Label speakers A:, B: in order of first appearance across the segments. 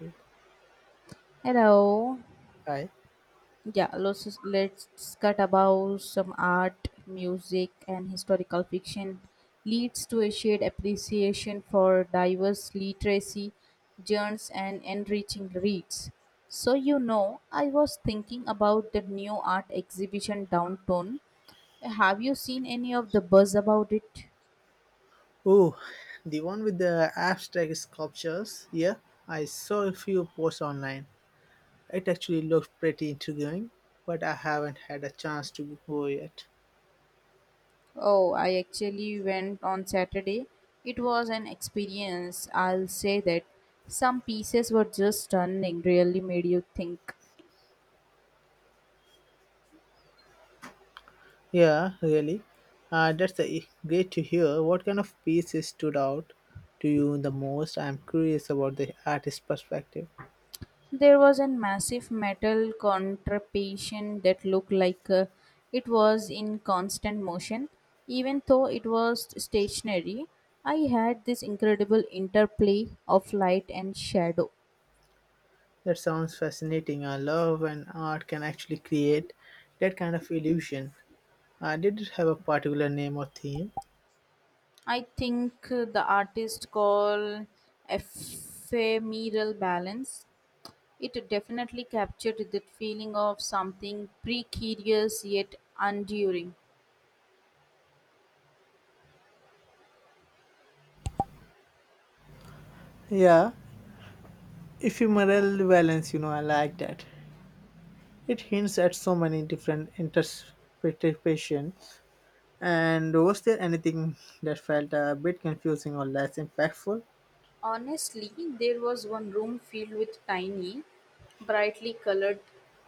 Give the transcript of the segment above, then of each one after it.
A: It.
B: Hello.
A: Hi.
B: Yeah, let's discuss about some art, music, and historical fiction. Leads to a shared appreciation for diverse literacy, genres, and enriching reads. So, you know, I was thinking about the new art exhibition downtown. Have you seen any of the buzz about it?
A: Oh, the one with the abstract sculptures. Yeah, I saw a few posts online. It actually looked pretty intriguing, but I haven't had a chance to go yet.
B: Oh, I actually went on Saturday. It was an experience, I'll say that. Some pieces were just stunning, really made you think.
A: Yeah, really. That's great to hear. What kind of pieces stood out to you the most? I'm curious about the artist's perspective.
B: There was a massive metal contraption that looked like it was in constant motion. Even though it was stationary, I had this incredible interplay of light and shadow.
A: That sounds fascinating. I love when art can actually create that kind of illusion. Did it have a particular name or theme?
B: I think the artist called ephemeral balance. It definitely captured that feeling of something precarious yet enduring.
A: Yeah, Ephemeral balance, I like that. It hints at so many different interpretations. And was there anything that felt a bit confusing or less impactful?
B: Honestly, there was one room filled with tiny, brightly colored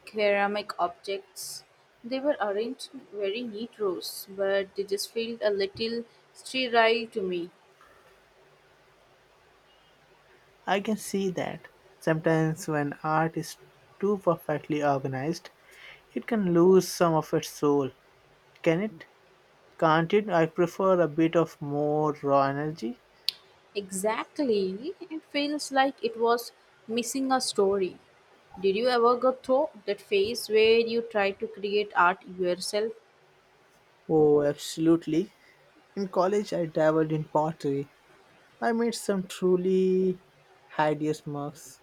B: ceramic objects. They were arranged in very neat rows, but they just felt a little sterile to me.
A: I can see that. Sometimes when art is too perfectly organized, it can lose some of its soul. Can it? Can't it? I prefer a bit of more raw energy.
B: Exactly, it feels like it was missing a story. Did you ever go through that phase where you try to create art yourself?
A: Oh, absolutely. In college, I dabbled in pottery, I made some truly hideous marks,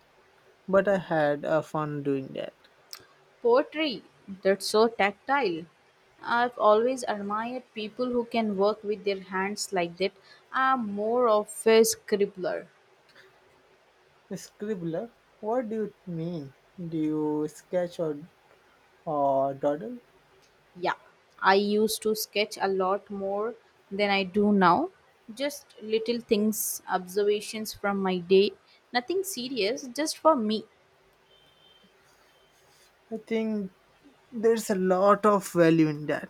A: but I had fun doing that.
B: Pottery, that's so tactile. I've always admired people who can work with their hands like that. I'm more of a scribbler.
A: Scribbler, what do you mean? Do you sketch or doodle?
B: Yeah, I used to sketch a lot more than I do now. Just little things, observations from my day. Nothing serious, just for me.
A: I think there's a lot of value in that.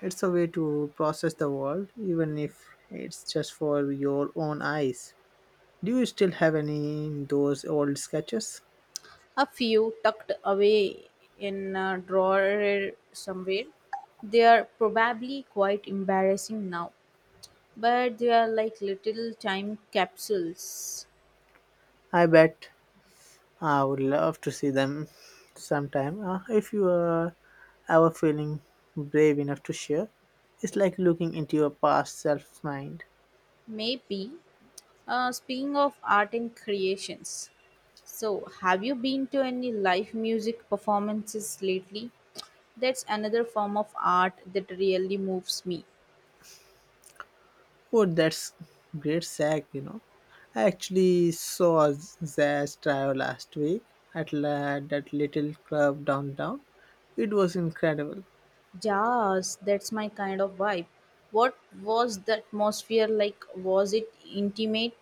A: It's a way to process the world, even if it's just for your own eyes. Do you still have any those old sketches?
B: A few tucked away in a drawer somewhere. They are probably quite embarrassing now, but they are like little time capsules.
A: I bet I would love to see them sometime. If you are ever feeling brave enough to share, it's like looking into your past self mind.
B: Maybe. Speaking of art and creations, so have you been to any live music performances lately? That's another form of art that really moves me.
A: Oh, that's great Zach, I actually saw Zach's trial last week at that little club downtown. It was incredible.
B: Jazz, that's my kind of vibe. What was the atmosphere like? Was it intimate?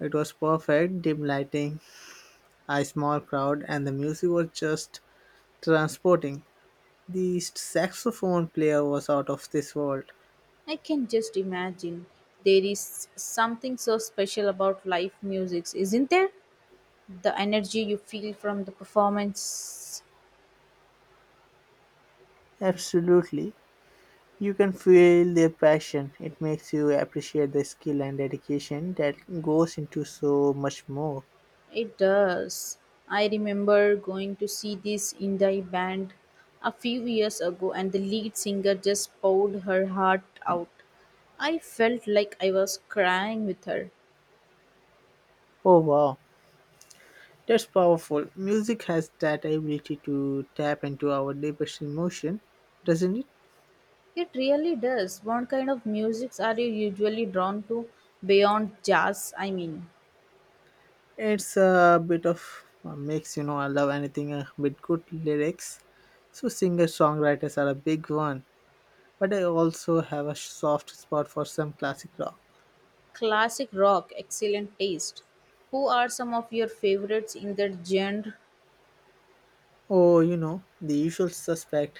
A: It was perfect, dim lighting, a small crowd, and the music was just transporting. The saxophone player was out of this world.
B: I can just imagine. There is something so special about live music, isn't there? The energy you feel from the performance,
A: Absolutely. You can feel their passion. It makes you appreciate the skill and dedication that goes into so much more.
B: it does. I remember going to see this indie band a few years ago and the lead singer just poured her heart out. I felt like I was crying with her.
A: Oh wow. That's powerful. Music has that ability to tap into our deepest emotion, doesn't it?
B: It really does. What kind of musics are you usually drawn to, beyond jazz, I mean?
A: It's a bit of a mix, I love anything with good lyrics. So singer songwriters are a big one. But I also have a soft spot for some classic rock.
B: Classic rock, excellent taste. Who are some of your favorites in that genre?
A: Oh, the usual suspect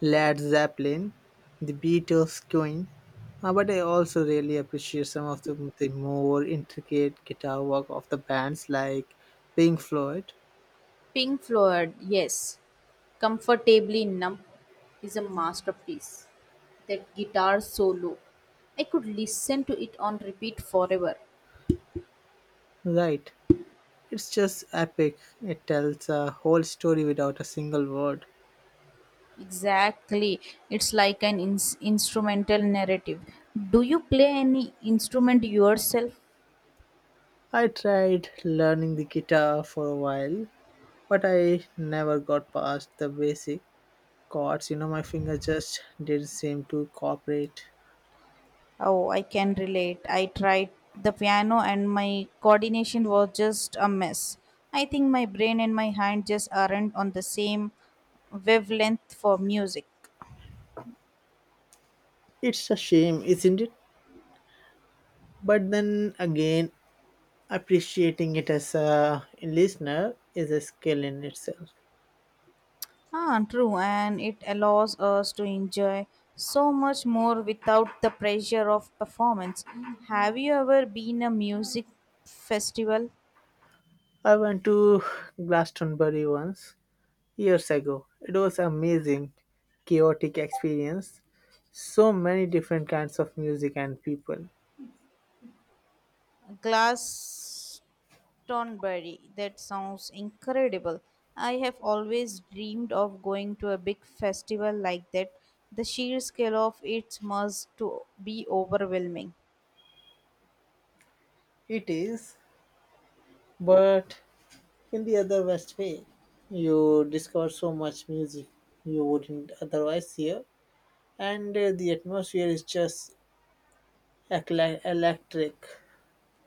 A: Led Zeppelin, the Beatles, Queen, but I also really appreciate some of the more intricate guitar work of the bands like Pink Floyd.
B: Pink Floyd, yes, Comfortably Numb is a masterpiece. That guitar solo, I could listen to it on repeat forever.
A: Right, it's just epic. It tells a whole story without a single word.
B: Exactly, it's like an instrumental narrative. Do you play any instrument yourself?
A: I tried learning the guitar for a while, but I never got past the basic chords. My finger just didn't seem to cooperate.
B: Oh, I can relate. I tried the piano and my coordination was just a mess. I think my brain and my hand just aren't on the same wavelength for music.
A: It's a shame, isn't it? But then again, appreciating it as a listener is a skill in itself.
B: Ah, true, and it allows us to enjoy so much more without the pressure of performance. Have you ever been a music festival?
A: I went to Glastonbury once years ago. It was amazing, chaotic experience. So many different kinds of music and people.
B: Glastonbury, that sounds incredible. I have always dreamed of going to a big festival like that. The sheer scale of it must to be overwhelming.
A: It is, but in the other best way, you discover so much music you wouldn't otherwise hear, and the atmosphere is just electric.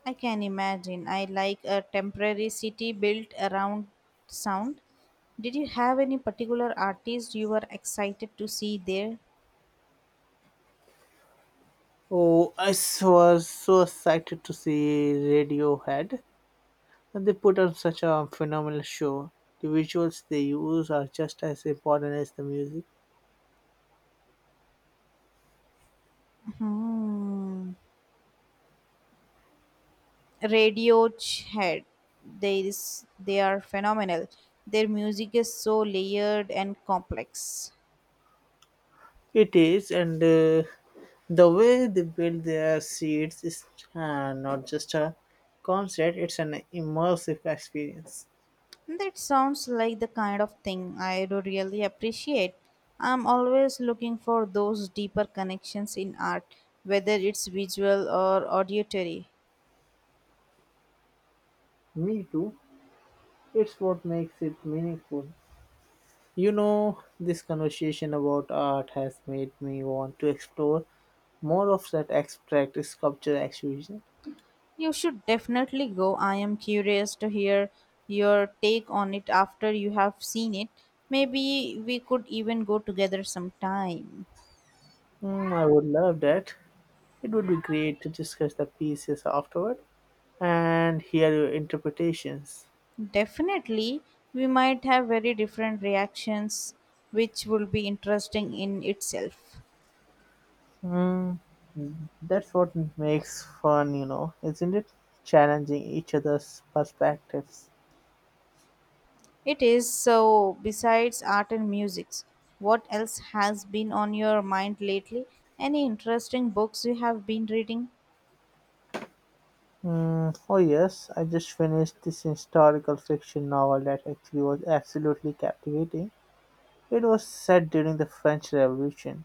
B: I can imagine. I like a temporary city built around sound. Did you have any particular artist you were excited to see there?
A: Oh, was so excited to see Radiohead. And they put on such a phenomenal show. The visuals they use are just as important as the music.
B: Hmm. Radiohead. They are phenomenal. Their music is so layered and complex.
A: It is, and the way they build their seats is not just a concert, it's an immersive experience.
B: That sounds like the kind of thing I do really appreciate. I'm always looking for those deeper connections in art, whether it's visual or auditory.
A: Me too. It's what makes it meaningful. This conversation about art has made me want to explore more of that abstract sculpture exhibition.
B: You should definitely go. I am curious to hear your take on it after you have seen it. Maybe we could even go together sometime.
A: Mm, I would love that. It would be great to discuss the pieces afterward and hear your interpretations.
B: Definitely, we might have very different reactions, which will be interesting in itself.
A: Mm, that's what makes fun, isn't it? Challenging each other's perspectives.
B: It is so, besides art and music, what else has been on your mind lately? Any interesting books you have been reading?
A: Mm, oh, yes, I just finished this historical fiction novel that actually was absolutely captivating. It was set during the French Revolution.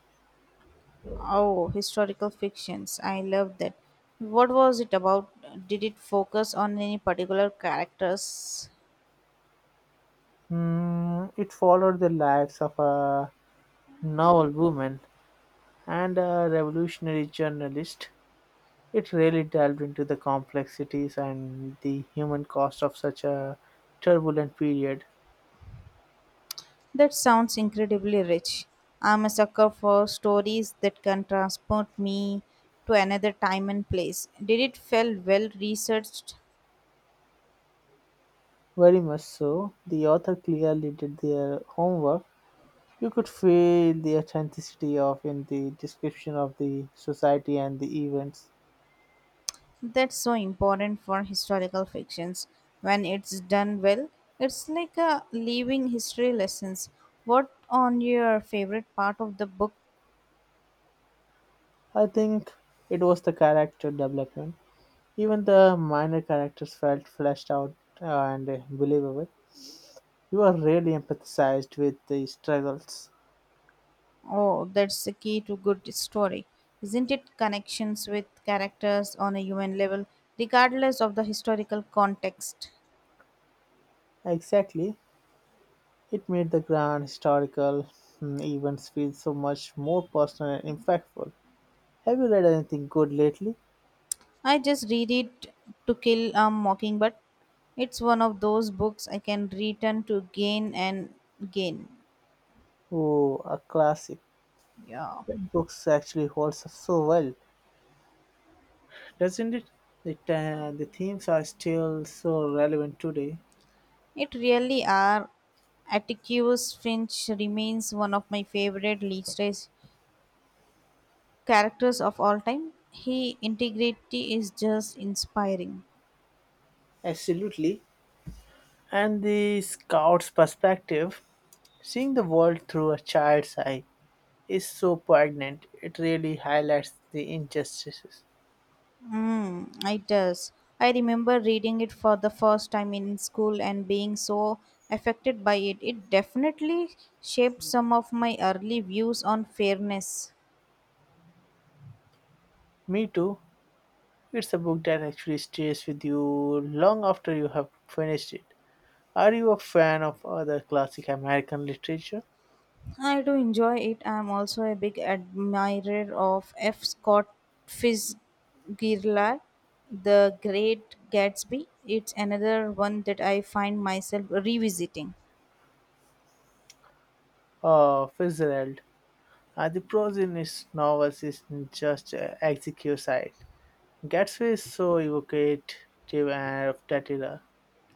B: Oh, historical fictions. I love that. What was it about? Did it focus on any particular characters?
A: Mm, it followed the lives of a noble woman and a revolutionary journalist. It really delved into the complexities and the human cost of such a turbulent period.
B: That sounds incredibly rich. I'm a sucker for stories that can transport me to another time and place. Did it feel well researched?
A: Very much so. The author clearly did their homework. You could feel the authenticity of in the description of the society and the events.
B: That's so important for historical fictions. When it's done well, it's like a living history lessons. What on your favorite part of the book?
A: I think it was the character development. Even the minor characters felt fleshed out uh, and believable. You are really empathized with the struggles.
B: Oh, that's the key to good story, isn't it? Connections with characters on a human level, regardless of the historical context.
A: Exactly. It made the grand historical events feel so much more personal and impactful. Have you read anything good lately?
B: I just read it, to kill a mockingbird. It's one of those books I can return to gain and gain.
A: Oh, a classic.
B: Yeah.
A: That book actually holds up so well, doesn't it? The themes are still so relevant today.
B: It really are. Atticus Finch remains one of my favorite literary characters of all time. He integrity is just inspiring.
A: Absolutely. And the scout's perspective, seeing the world through a child's eye, is so poignant. It really highlights the injustices.
B: Mm, it does. I remember reading it for the first time in school and being so affected by it. It definitely shaped some of my early views on fairness.
A: Me too. It's a book that actually stays with you long after you have finished it. Are you a fan of other classic American literature?
B: I do enjoy it. I am also a big admirer of F. Scott Fitzgerald, The Great Gatsby. It's another one that I find myself revisiting.
A: Oh, Fitzgerald. The prose in his novels isn't just execute Gatsby is so evocative and of that era.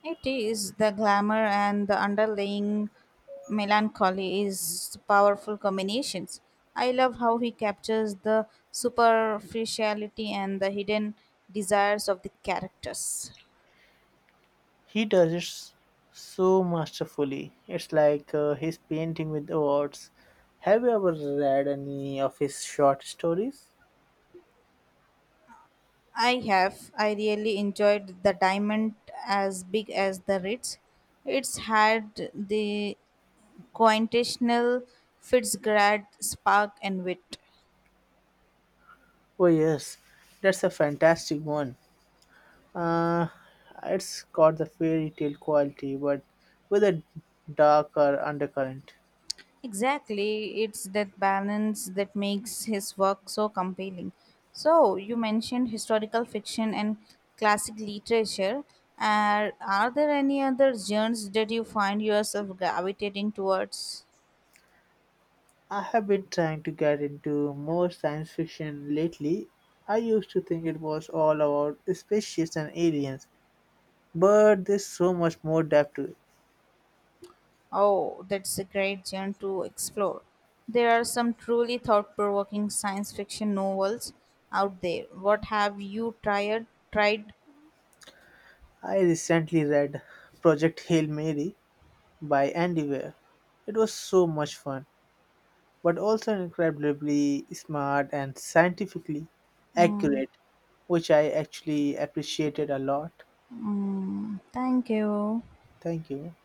B: It is the glamour and the underlying melancholy is powerful combinations. I love how he captures the superficiality and the hidden desires of the characters.
A: He does it so masterfully. It's like he's painting with the words. Have you ever read any of his short stories?
B: I really enjoyed the diamond as big as the Ritz. It's had the quintessential Fitzgerald spark and wit.
A: Oh, yes, that's a fantastic one. Uh, it's got the fairy tale quality, but with a darker undercurrent.
B: Exactly, it's that balance that makes his work so compelling. So, you mentioned historical fiction and classic literature. Are there any other genres that you find yourself gravitating towards?
A: I have been trying to get into more science fiction lately. I used to think it was all about spaceships and aliens, but there's so much more depth to it.
B: Oh, that's a great genre to explore. There are some truly thought provoking science fiction novels out there. What have you tried? tried?
A: I recently read Project Hail Mary by Andy Weir. It was so much fun, but also incredibly smart and scientifically accurate, which I actually appreciated a lot.
B: Thank you.
A: Thank you.